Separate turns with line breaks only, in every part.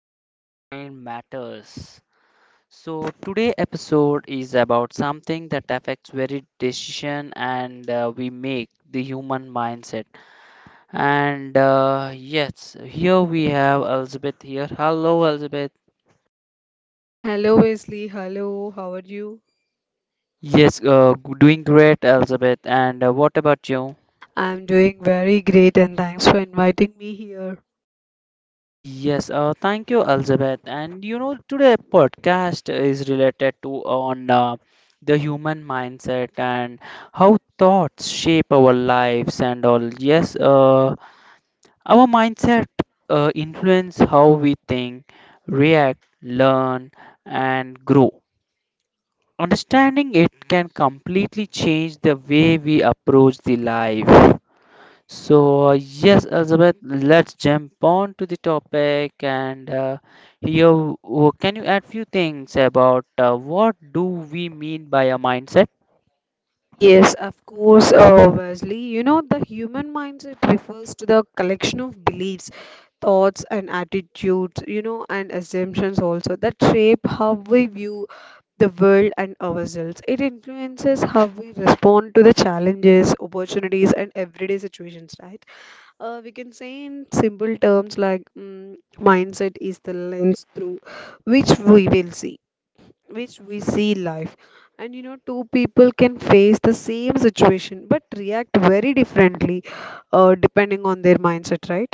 on Mind Matters. So, today episode is about something that affects very decision and we make the human mindset. And yes, here we have Elizabeth here. Hello, Elizabeth.
Hello, Wesley. Hello, how are you?
Yes, doing great, Elizabeth. And what about you?
I'm doing very great and thanks for inviting me here.
Yes, thank you, Elizabeth. And you know, today podcast is related to on the human mindset and how thoughts shape our lives and all. Yes, our mindset influence how we think, react, learn, and grow. Understanding it can completely change the way we approach the life. So, yes, Elizabeth, let's jump on to the topic and here, can you add few things about what do we mean by a mindset?
Wesley, you know, the human mindset refers to the collection of beliefs, thoughts, and attitudes, you know, and assumptions also that shape how we view the world and ourselves. It influences how we respond to the challenges, opportunities, and everyday situations, right? We can say in simple terms like mindset is the lens through which we will see, which we see life. And you know, two people can face the same situation but react very differently depending on their mindset, right?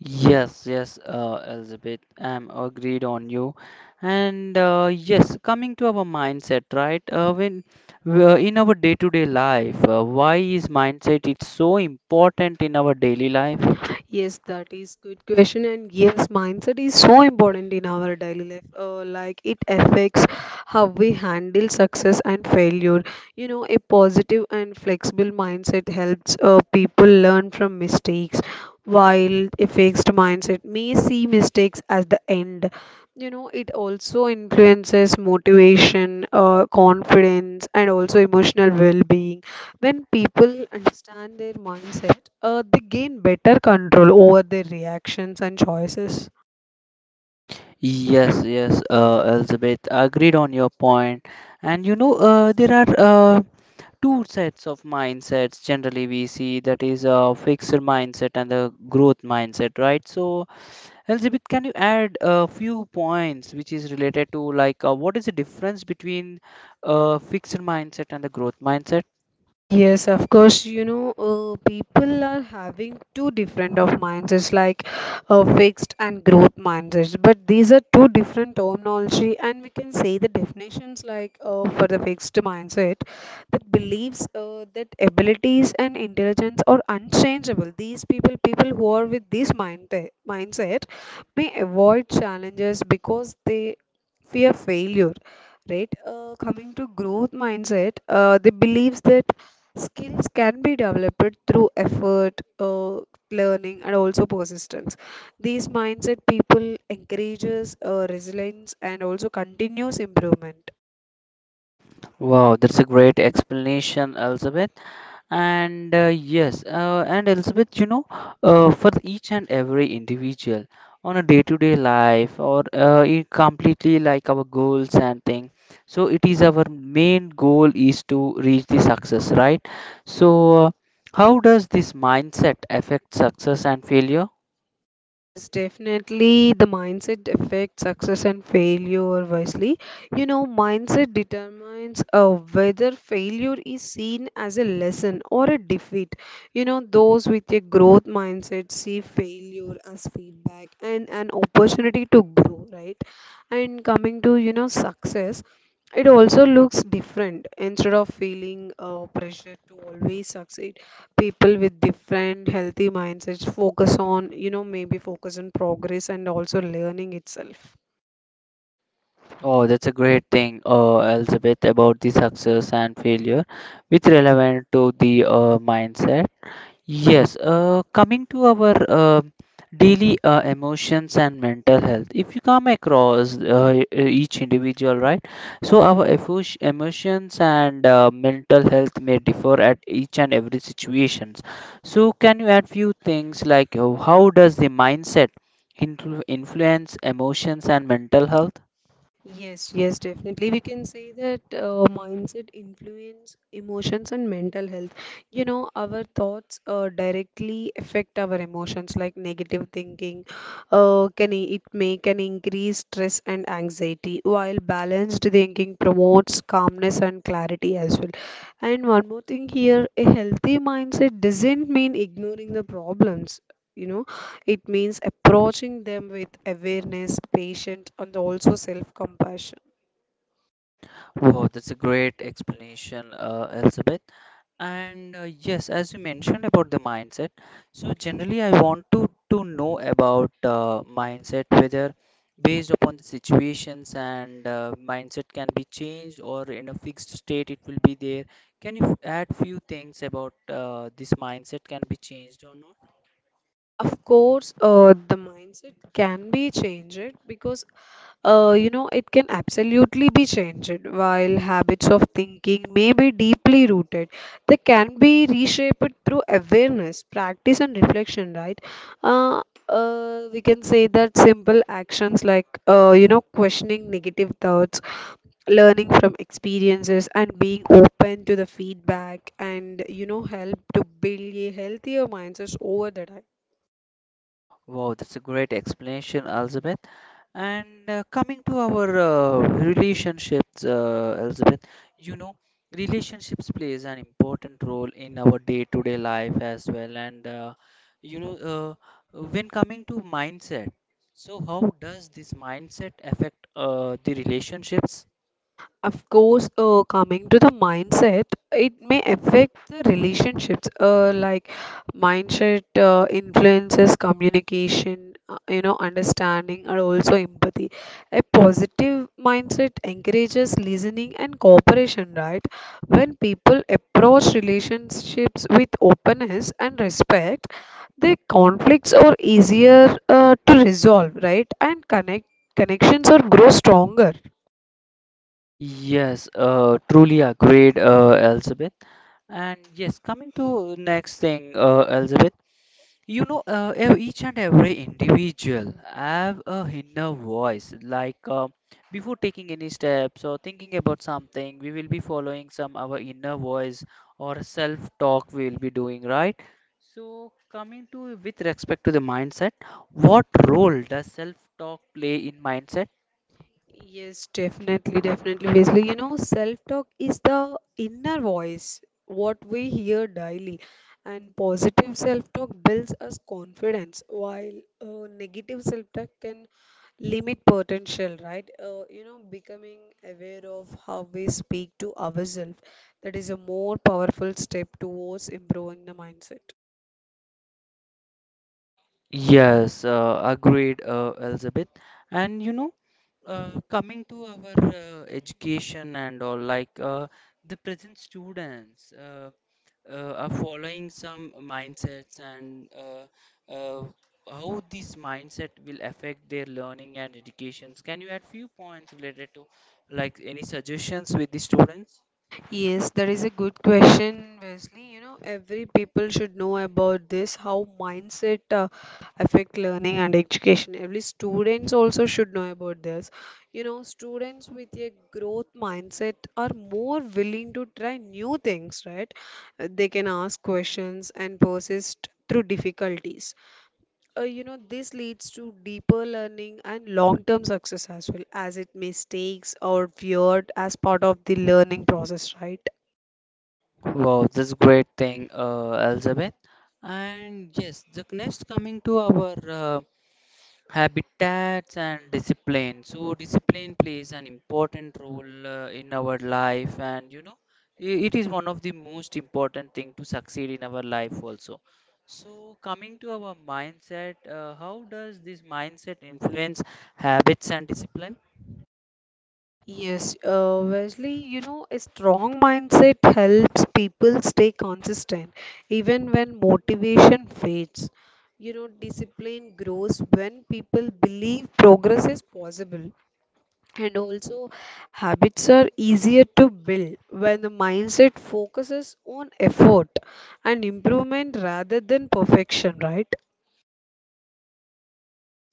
Yes, yes, Elizabeth, I'm agreed on you. And yes, coming to our mindset, right? When we in our day-to-day life, why is mindset it's so important in our daily life?
Yes, that is good question. And yes, mindset is so important in our daily life. Like it affects how we handle success and failure. You know, a positive and flexible mindset helps people learn from mistakes, while a fixed mindset may see mistakes as the end. You know, it also influences motivation, confidence, and also emotional well-being when people understand their mindset, they gain better control over their reactions and choices.
Yes, yes, Elizabeth, agreed on your point. And you know, there are uh, two sets of mindsets generally we see that is a fixed mindset and the growth mindset, right? So, Elizabeth, can you add a few points which is related to like what is the difference between fixed mindset and the growth mindset?
Yes, of course. You know, people are having two different of mindsets, like fixed and growth mindsets. But these are two different terminology, and we can say the definitions like for the fixed mindset that believes that abilities and intelligence are unchangeable. People who are with this mindset, may avoid challenges because they fear failure, right? Coming to growth mindset, they believes that skills can be developed through effort, learning, and also persistence. These mindset people encourages resilience and also continuous improvement.
Wow, that's a great explanation, Elizabeth. And and Elizabeth, you know, for each and every individual on a day-to-day life or it completely like our goals and thing. So it is our main goal is to reach the success, right? So how does this mindset affect success and failure?
Yes, definitely. The mindset affects success and failure wisely. You know, mindset determines whether failure is seen as a lesson or a defeat. You know, those with a growth mindset see failure as feedback and an opportunity to grow, right? And coming to, you know, success, it also looks different. Instead of feeling pressure to always succeed, people with different healthy mindsets focus on, you know, maybe focus on progress and also learning itself.
Oh, that's a great thing, Elizabeth, about the success and failure, which relevant to the mindset. Yes, coming to our daily emotions and mental health, if you come across each individual, right? So our emotions and mental health may differ at each and every situations. So can you add few things like how does the mindset influence emotions and mental health?
Yes, yes, definitely. We can say that mindset influence emotions and mental health. You know, our thoughts directly affect our emotions, like negative thinking. It may can increase stress and anxiety, while balanced thinking promotes calmness and clarity as well. And one more thing here, a healthy mindset doesn't mean ignoring the problems. You know, it means approaching them with awareness, patience, and also self compassion.
Oh, that's a great explanation, Elizabeth. And yes, as you mentioned about the mindset, so generally I want to know about mindset, whether based upon the situations and mindset can be changed or in a fixed state it will be there. Can you add few things about this mindset can be changed or not?
Of course, the mindset can be changed because, you know, it can absolutely be changed. While habits of thinking may be deeply rooted, they can be reshaped through awareness, practice, and reflection, right? Uh, we can say that simple actions like, you know, questioning negative thoughts, learning from experiences, and being open to the feedback, and, you know, help to build a healthier mindset over the time.
Wow, that's a great explanation, Elizabeth. And coming to our relationships, Elizabeth, you know, relationships plays an important role in our day-to-day life as well. And you know, when coming to mindset, so how does this mindset affect the relationships?
Of course, coming to the mindset, it may affect the relationships. Like mindset influences communication, you know, understanding, and also empathy. A positive mindset encourages listening and cooperation, right? When people approach relationships with openness and respect, the conflicts are easier to resolve, right? And connections or grow stronger.
Yes, truly agreed, Elizabeth. And yes, coming to next thing, Elizabeth. You know, each and every individual have a inner voice. Like before taking any steps or thinking about something, we will be following some our inner voice or self-talk we will be doing, right? So coming to with respect to the mindset, what role does self-talk play in mindset?
Yes, definitely, definitely, Wesley. You know, self-talk is the inner voice, what we hear daily. And positive self-talk builds us confidence, while negative self-talk can limit potential, right? You know, becoming aware of how we speak to ourselves, that is a more powerful step towards improving the mindset.
Yes, agreed, Elizabeth. And you know, coming to our education and all, like the present students are following some mindsets and how this mindset will affect their learning and educations. Can you add few points related to like any suggestions with the students?
Yes, that is a good question, Wesley. You know, every people should know about this, how mindset affect learning and education. Every students also should know about this. You know, students with a growth mindset are more willing to try new things, right? They can ask questions and persist through difficulties. You know, this leads to deeper learning and long-term success as well, as it mistakes or feared as part of the learning process, right?
Wow, that's great thing, Elizabeth. And yes, the next coming to our habitats and discipline, so discipline plays an important role in our life, and you know it is one of the most important thing to succeed in our life also. So coming to our mindset, how does this mindset influence habits and discipline?
Yes, Wesley, you know, a strong mindset helps people stay consistent even when motivation fades. You know, discipline grows when people believe progress is possible, and also habits are easier to build when the mindset focuses on effort and improvement rather than perfection, right?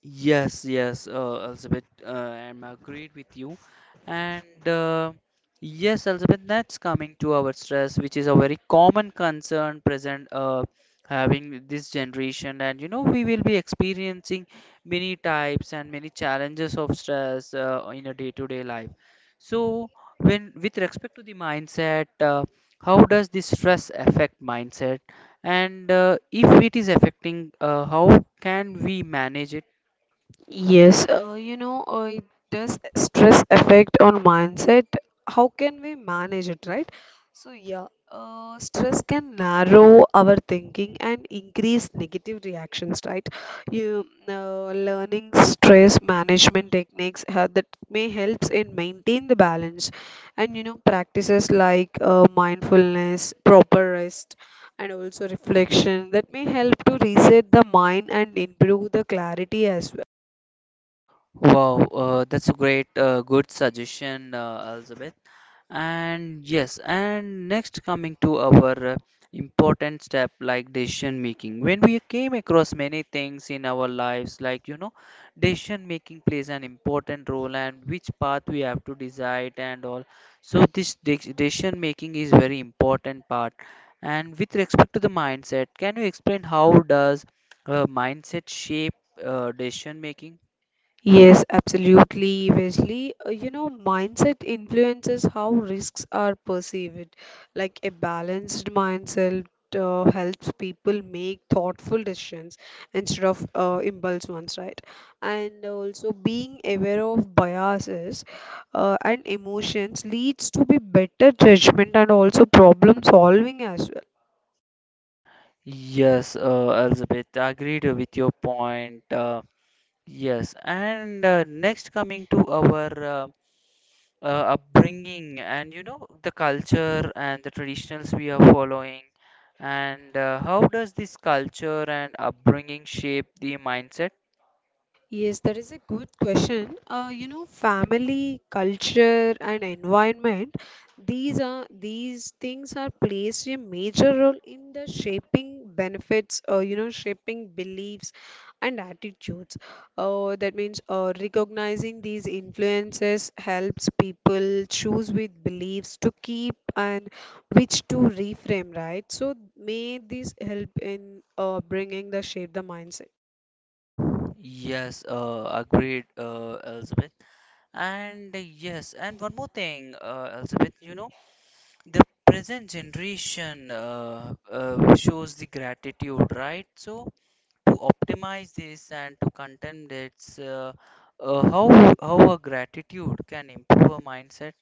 Yes, yes, Elizabeth, I'm agreed with you. And yes, Elizabeth, that's coming to our stress, which is a very common concern present having this generation. And you know, we will be experiencing many types and many challenges of stress in a day-to-day life. So, when with respect to the mindset, how does this stress affect mindset? And if it is affecting, how can we manage it?
Yes, you know, it does stress affect on mindset. How can we manage it, right? So, yeah, stress can narrow our thinking and increase negative reactions, right? You learning stress management techniques that may helps in maintain the balance, and you know practices like mindfulness, proper rest, and also reflection that may help to reset the mind and improve the clarity as well.
Wow, that's a great, good suggestion, Elizabeth. And yes, and next coming to our important step like decision making. When we came across many things in our lives, like you know, decision making plays an important role and which path we have to decide and all. So this decision making is very important part. And with respect to the mindset, can you explain how does mindset shape decision making?
Yes, absolutely, Wesley. You know, mindset influences how risks are perceived. Like a balanced mindset helps people make thoughtful decisions instead of impulse ones, right? And also being aware of biases and emotions leads to be better judgment and also problem solving as well.
Yes, Elizabeth, I agreed with your point. Yes, and next coming to our uh, upbringing, and you know the culture and the traditions we are following, and how does this culture and upbringing shape the mindset?
Yes, that is a good question. You know, family, culture, and environment, these are these things are plays a major role in the shaping benefits, you know, shaping beliefs and attitudes. That means recognizing these influences helps people choose with beliefs to keep and which to reframe, right? So may this help in bringing the shape the mindset.
Yes, agreed, Elizabeth. And yes, and one more thing, Elizabeth, you know, the present generation shows the gratitude, right? So, to optimize this and to contend its uh, how how a gratitude can improve our mindset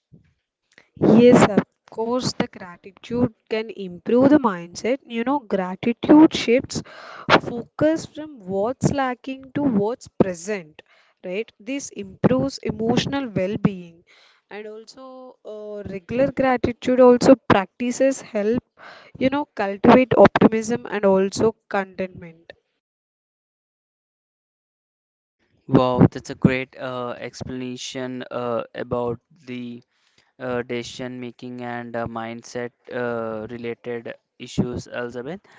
Yes, of course, the gratitude can improve the mindset. You know, gratitude shifts focus from what's lacking to what's present, right? This improves emotional well being. And also, regular gratitude also practices help, you know, cultivate optimism and also contentment.
wow that's a great explanation about the decision making and mindset related issues elizabeth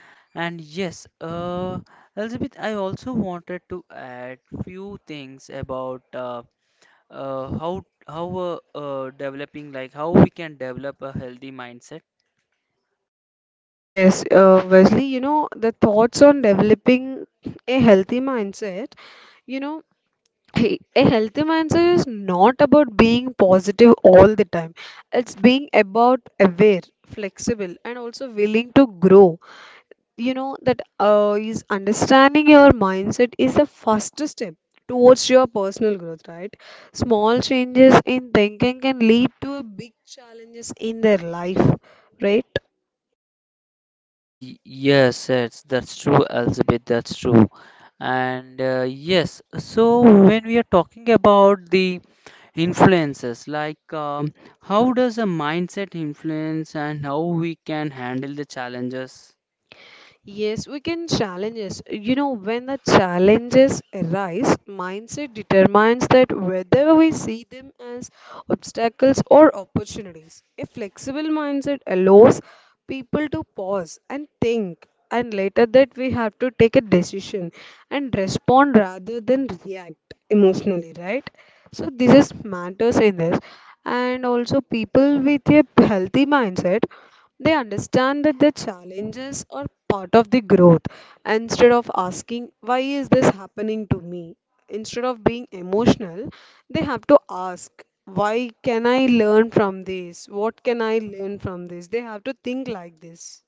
and yes elizabeth I also wanted to add few things about uh, how how developing, like how we can develop a healthy mindset.
Yes, Wesley, you know, the thoughts on developing a healthy mindset, you know, hey, a healthy mindset is not about being positive all the time. It's being about aware, flexible, and also willing to grow. You know, that is understanding your mindset is the first step towards your personal growth, right? Small changes in thinking can lead to big challenges in their life, right?
Y- Yes, it's that's true, Elizabeth, that's true. And yes, so when we are talking about the influences, like how does a mindset influence and how we can handle the challenges?
Yes, we can challenges. You know, when the challenges arise, mindset determines that whether we see them as obstacles or opportunities. A flexible mindset allows people to pause and think, and later that we have to take a decision and respond rather than react emotionally, right? So this is matters in this, and also people with a healthy mindset, they understand that the challenges are part of the growth. Instead of asking why is this happening to me, instead of being emotional, they have to ask why can I learn from this? What can I learn from this? They have to think like this.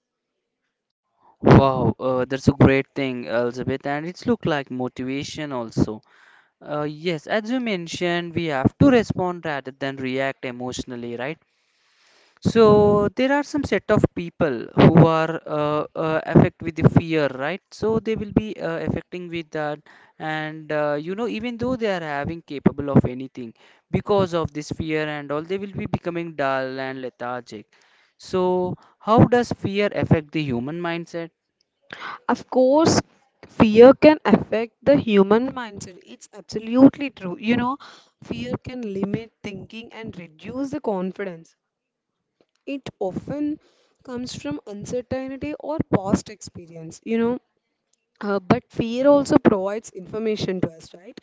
Wow, that's a great thing, Elizabeth, and it's look like motivation also. Yes, as you mentioned, we have to respond rather than react emotionally, right? So there are some set of people who are affect with the fear, right? So they will be affecting with that, and you know, even though they are having capable of anything, because of this fear and all, they will be becoming dull and lethargic. So how does fear affect the human mindset?
Of course, fear can affect the human mindset. It's absolutely true. You know, fear can limit thinking and reduce the confidence. It often comes from uncertainty or past experience, you know. But fear also provides information to us, right?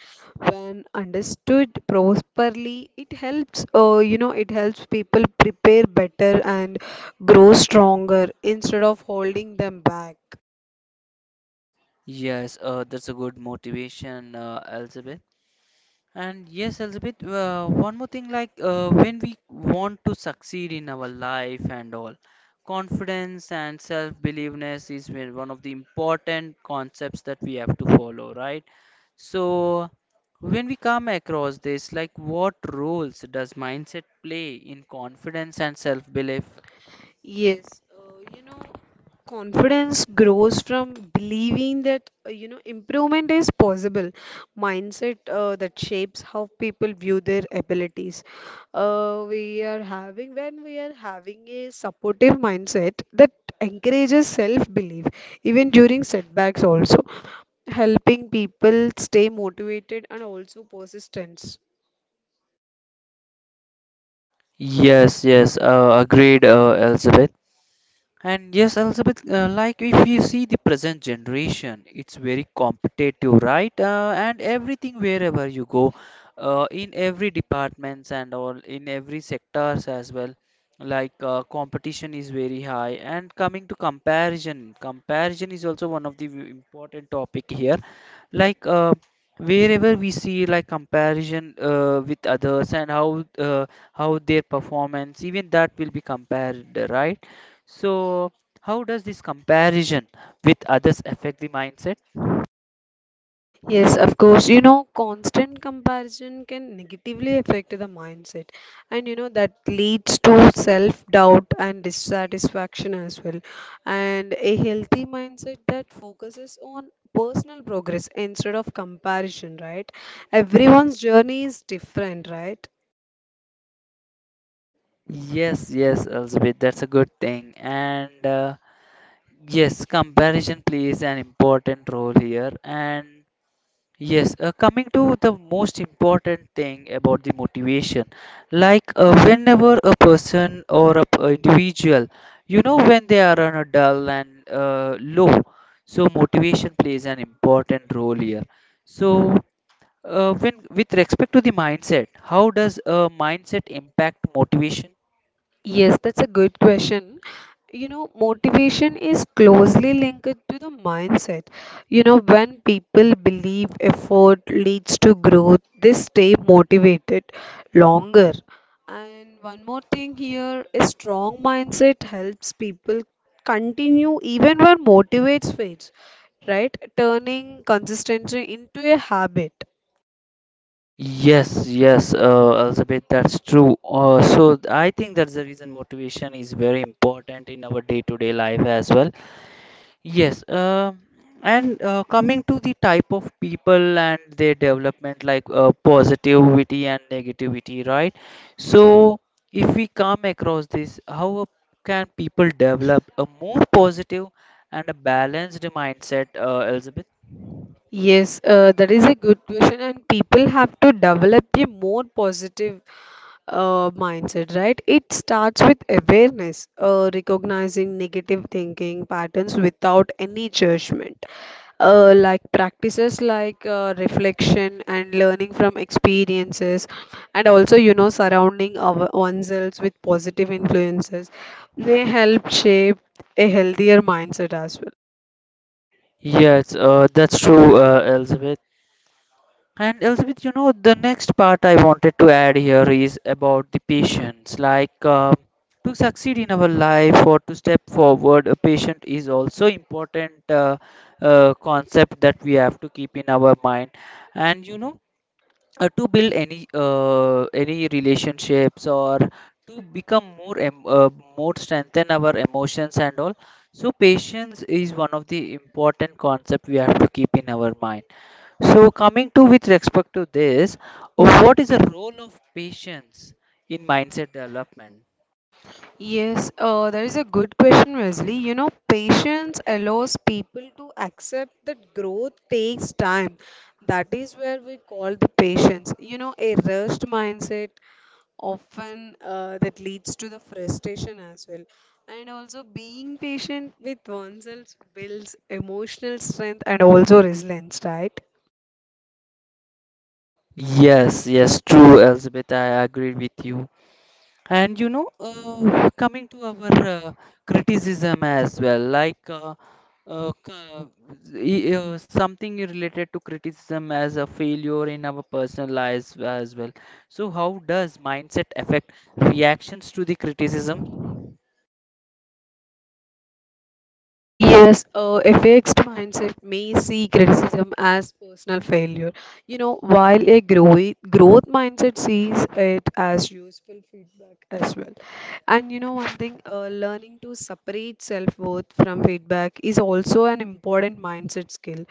When understood properly, it helps, you know, it helps people prepare better and grow stronger instead of holding them back.
Yes, that's a good motivation, Elizabeth. And yes, Elizabeth, one more thing like when we want to succeed in our life and all, confidence and self-believeness is where one of the important concepts that we have to follow, right? So, when we come across this, like what roles does mindset play in confidence and self-belief?
Yes, you know, confidence grows from believing that, you know, improvement is possible. Mindset that shapes how people view their abilities. When we are having a supportive mindset that encourages self-belief, even during setbacks also, helping people stay motivated and also persistent.
Yes, yes, agreed, Elizabeth. And yes, Elizabeth, like if you see the present generation, it's very competitive, right? And everything wherever you go, in every departments and all, in every sectors as well, like competition is very high. And coming to comparison, comparison is also one of the important topic here. Like wherever we see like comparison with others and how their performance, even that will be compared, right? So, how does this comparison with others affect the mindset?
Yes, of course. You know, constant comparison can negatively affect the mindset, and you know that leads to self-doubt and dissatisfaction as well. And a healthy mindset that focuses on personal progress instead of comparison, right? Everyone's journey is different, right?
Yes, yes, Elizabeth, that's a good thing. And yes, comparison plays an important role here. And yes, coming to the most important thing about the motivation, like whenever a person or a individual, you know, when they are on a dull and low, so motivation plays an important role here. So, when with respect to the mindset, how does a mindset impact motivation?
Yes, that's a good question. You know, motivation is closely linked to the mindset. You know, when people believe effort leads to growth, they stay motivated longer. And one more thing here, a strong mindset helps people continue even when motivates fades, right? Turning consistency into a habit.
Yes, yes, Elizabeth, that's true. So I think that's the reason motivation is very important in our day-to-day life as well. Yes, and coming to the type of people and their development, like positivity and negativity, right? So, if we come across this, how can people develop a more positive and a balanced mindset, Elizabeth?
Yes, that is a good question, and people have to develop a more positive mindset, right? It starts with awareness, recognizing negative thinking patterns without any judgment. Like practices like reflection and learning from experiences, and also, you know, surrounding our, oneself with positive influences, they help shape a healthier mindset as well.
Yes, that's true, Elizabeth. And Elizabeth, you know, the next part I wanted to add here is about the patience. Like to succeed in our life or to step forward, a patient is also important concept that we have to keep in our mind. And you know, to build any relationships or to become more strengthen our emotions and all. So patience is one of the important concept we have to keep in our mind. So, coming to with respect to this, what is the role of patience in mindset development?
Yes, that is a good question, Wesley. You know, patience allows people to accept that growth takes time. That is where we call the patience. You know, a rushed mindset often that leads to the frustration as well. And also, being patient with oneself builds emotional strength and also resilience, right?
Yes, yes, true, Elizabeth. I agree with you. And you know, coming to our criticism as well, like uh, c- something related to criticism as a failure in our personal lives as well. So, how does mindset affect reactions to the criticism?
Yes, a fixed mindset may see criticism as personal failure. You know, while a growth mindset sees it as useful feedback as well. And you know, one thing, learning to separate self worth from feedback is also an important mindset skill.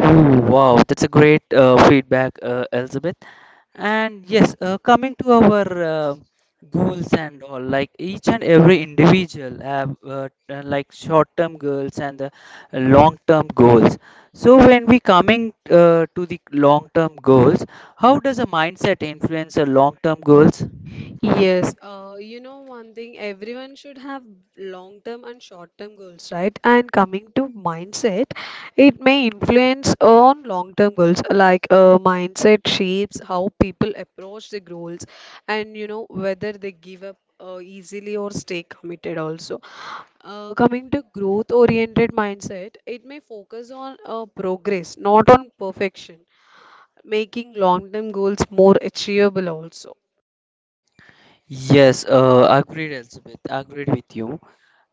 Oh, wow, that's a great feedback, Elizabeth. And yes, coming to our goals and all, like each and every individual have like short-term goals and long-term goals. So when we coming to the long-term goals, how does a mindset influence a long-term goals?
Yes, you know one thing, everyone should have long-term and short-term goals, right? And coming to mindset, it may influence on long-term goals, like mindset shapes how people approach the goals, and you know whether they give up easily or stay committed also. Coming to growth-oriented mindset, it may focus on progress, not on perfection, making long-term goals more achievable also.
Yes, agreed, Elizabeth. Agreed with you.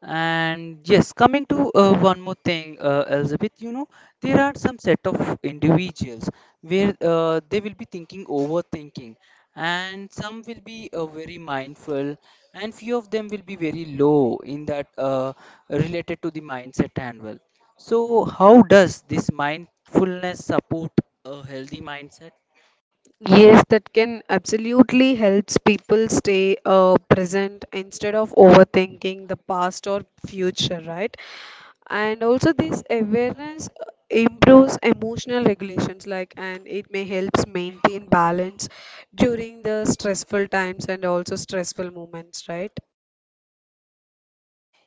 And yes, coming to one more thing, Elizabeth, you know, there are some set of individuals where they will be thinking overthinking, and some will be very mindful, and few of them will be very low in that related to the mindset and well. So, how does this mindfulness support a healthy mindset?
Yes, that can absolutely helps people stay present instead of overthinking the past or future, right? And also this awareness improves emotional regulations, like, and it may helps maintain balance during the stressful times and also stressful moments, right?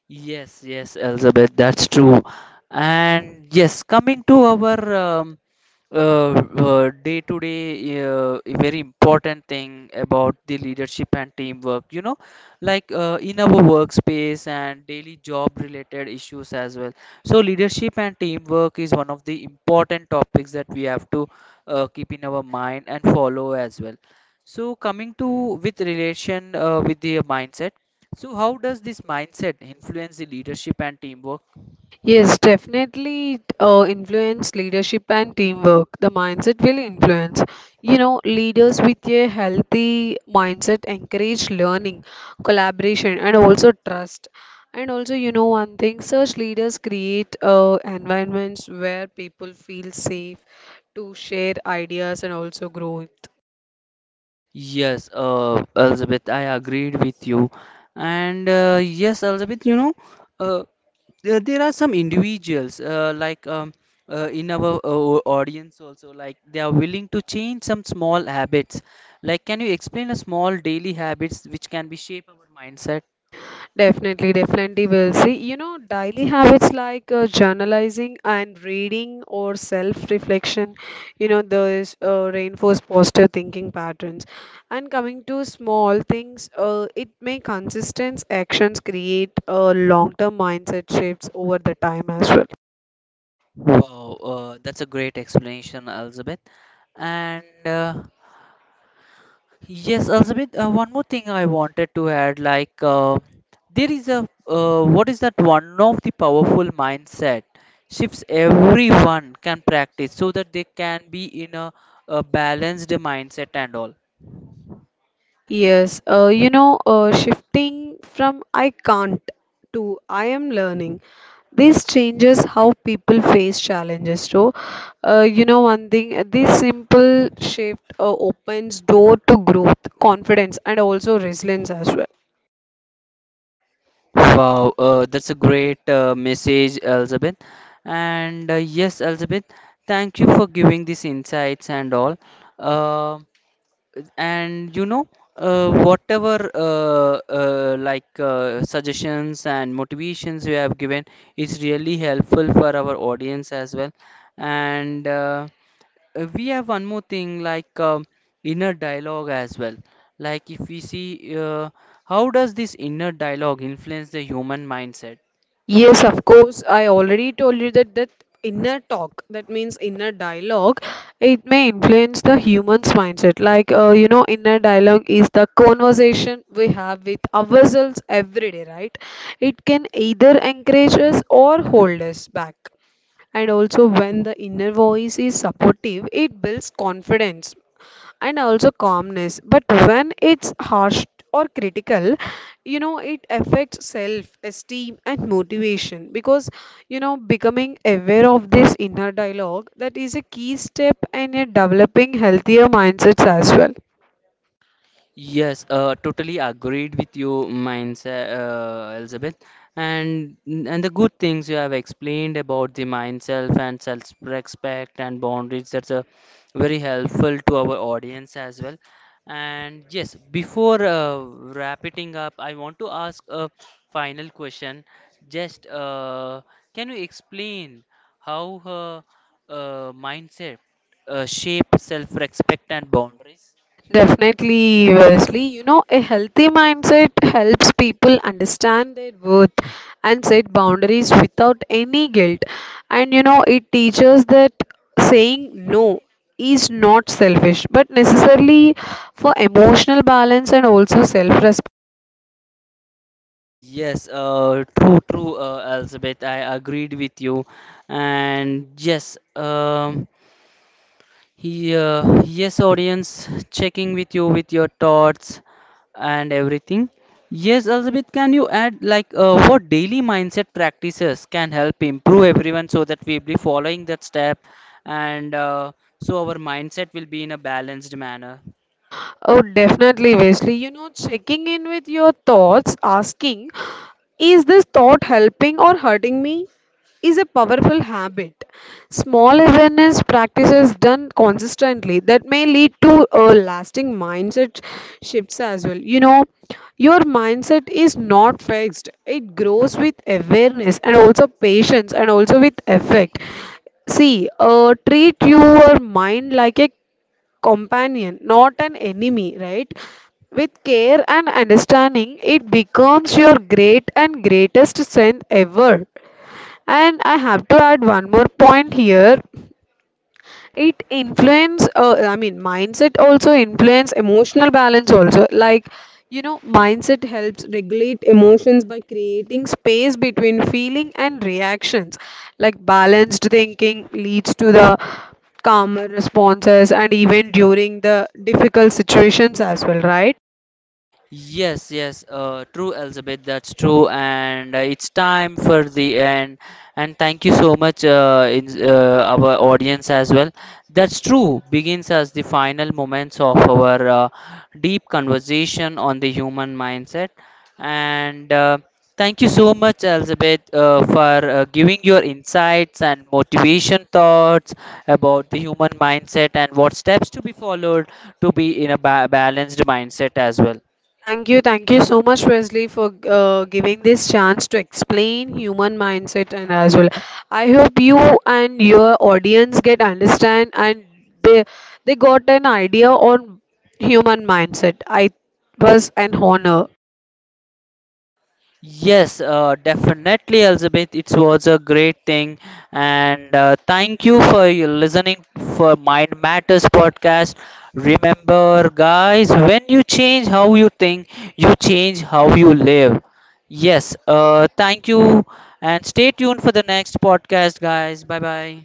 Yes, yes, Elizabeth, that's true. And yes, coming to our uh, day to day a very important thing about the leadership and teamwork, you know, like in our workspace and daily job related issues as well. So leadership and teamwork is one of the important topics that we have to keep in our mind and follow as well. So coming to with relation with the mindset, so how does this mindset influence the leadership and teamwork?
Yes, definitely influence leadership and teamwork. The mindset will influence. You know, leaders with a healthy mindset encourage learning, collaboration, and also trust. And also, you know, one thing, such leaders create environments where people feel safe to share ideas and also grow.
Yes, Elizabeth, I agreed with you. And yes, Elizabeth, you know, uh, there are some individuals like in our audience also, like they are willing to change some small habits. Like, can you explain a small daily habits which can be shape our mindset?
Definitely, definitely will see. You know, daily habits like journalizing and reading or self-reflection, you know, those reinforce positive thinking patterns. And coming to small things, it may consistent actions create long-term mindset shifts over the time as well.
Wow, that's a great explanation, Elizabeth. And Yes, Elizabeth, one more thing I wanted to add, like there is a what is that one of the powerful mindset shifts everyone can practice so that they can be in a balanced mindset and all.
Yes, shifting from I can't to I am learning, this changes how people face challenges. So you know one thing, this simple shift opens door to growth, confidence, and also resilience as well.
Wow, that's a great message, Elizabeth. And yes, Elizabeth, thank you for giving these insights and all. Um and you know, whatever suggestions and motivations you have given is really helpful for our audience as well. And We have one more thing like inner dialogue as well. Like if we see how does this inner dialogue influence the human mindset?
Yes, of course, I already told you that inner talk, that means inner dialogue, it may influence the human's mindset. Like you know, inner dialogue is the conversation we have with ourselves every day, right? It can either encourage us or hold us back. And also when the inner voice is supportive, it builds confidence and also calmness. But when it's harsh or critical, you know, it affects self esteem and motivation, because you know, becoming aware of this inner dialogue, that is a key step in a developing healthier mindsets as well.
Yes, totally agreed with you, Elizabeth. And and the good things you have explained about the mind self and self-respect and boundaries, that's a very helpful to our audience as well. And yes, before wrapping up, I want to ask a final question. Just can you explain how her mindset shape self-respect and boundaries?
Definitely, Wesley. You know, a healthy mindset helps people understand their worth and set boundaries without any guilt. And you know, it teaches that saying no is not selfish but necessarily for emotional balance and also self.
Yes, true, true, Elizabeth. I agreed with you, and yes, yes, audience, checking with you with your thoughts and everything. Yes, Elizabeth, can you add like what daily mindset practices can help improve everyone so that we'll be following that step, and so our mindset will be in a balanced manner.
Oh, definitely, Wesley. You know, checking in with your thoughts, asking, is this thought helping or hurting me? Is a powerful habit. Small awareness practices done consistently, that may lead to a lasting mindset shifts as well. You know, your mindset is not fixed. It grows with awareness and also patience and also with effect. See, treat your mind like a companion, not an enemy, right? With care and understanding, it becomes your great and greatest strength ever. And I have to add one more point here. It influence, I mean, mindset also influence emotional balance also. Like, you know, mindset helps regulate emotions by creating space between feeling and reactions. Like balanced thinking leads to the calmer responses and even during the difficult situations as well, right?
Yes, yes, true, Elizabeth. That's true, and it's time for the end. And thank you so much, our audience as well. That's true. Begins as the final moments of our deep conversation on the human mindset. And thank you so much, Elizabeth, for giving your insights and motivation thoughts about the human mindset and what steps to be followed to be in a balanced mindset as well.
Thank you so much, Wesley, for giving this chance to explain human mindset and as well. I hope you and your audience get understand and they they got an idea on human mindset. I was an honor.
Yes, definitely, Elizabeth. It was a great thing, and thank you for your listening for Mind Matters podcast. Remember, guys, when you change how you think, you change how you live. Yes, thank you, and stay tuned for the next podcast, guys. Bye bye.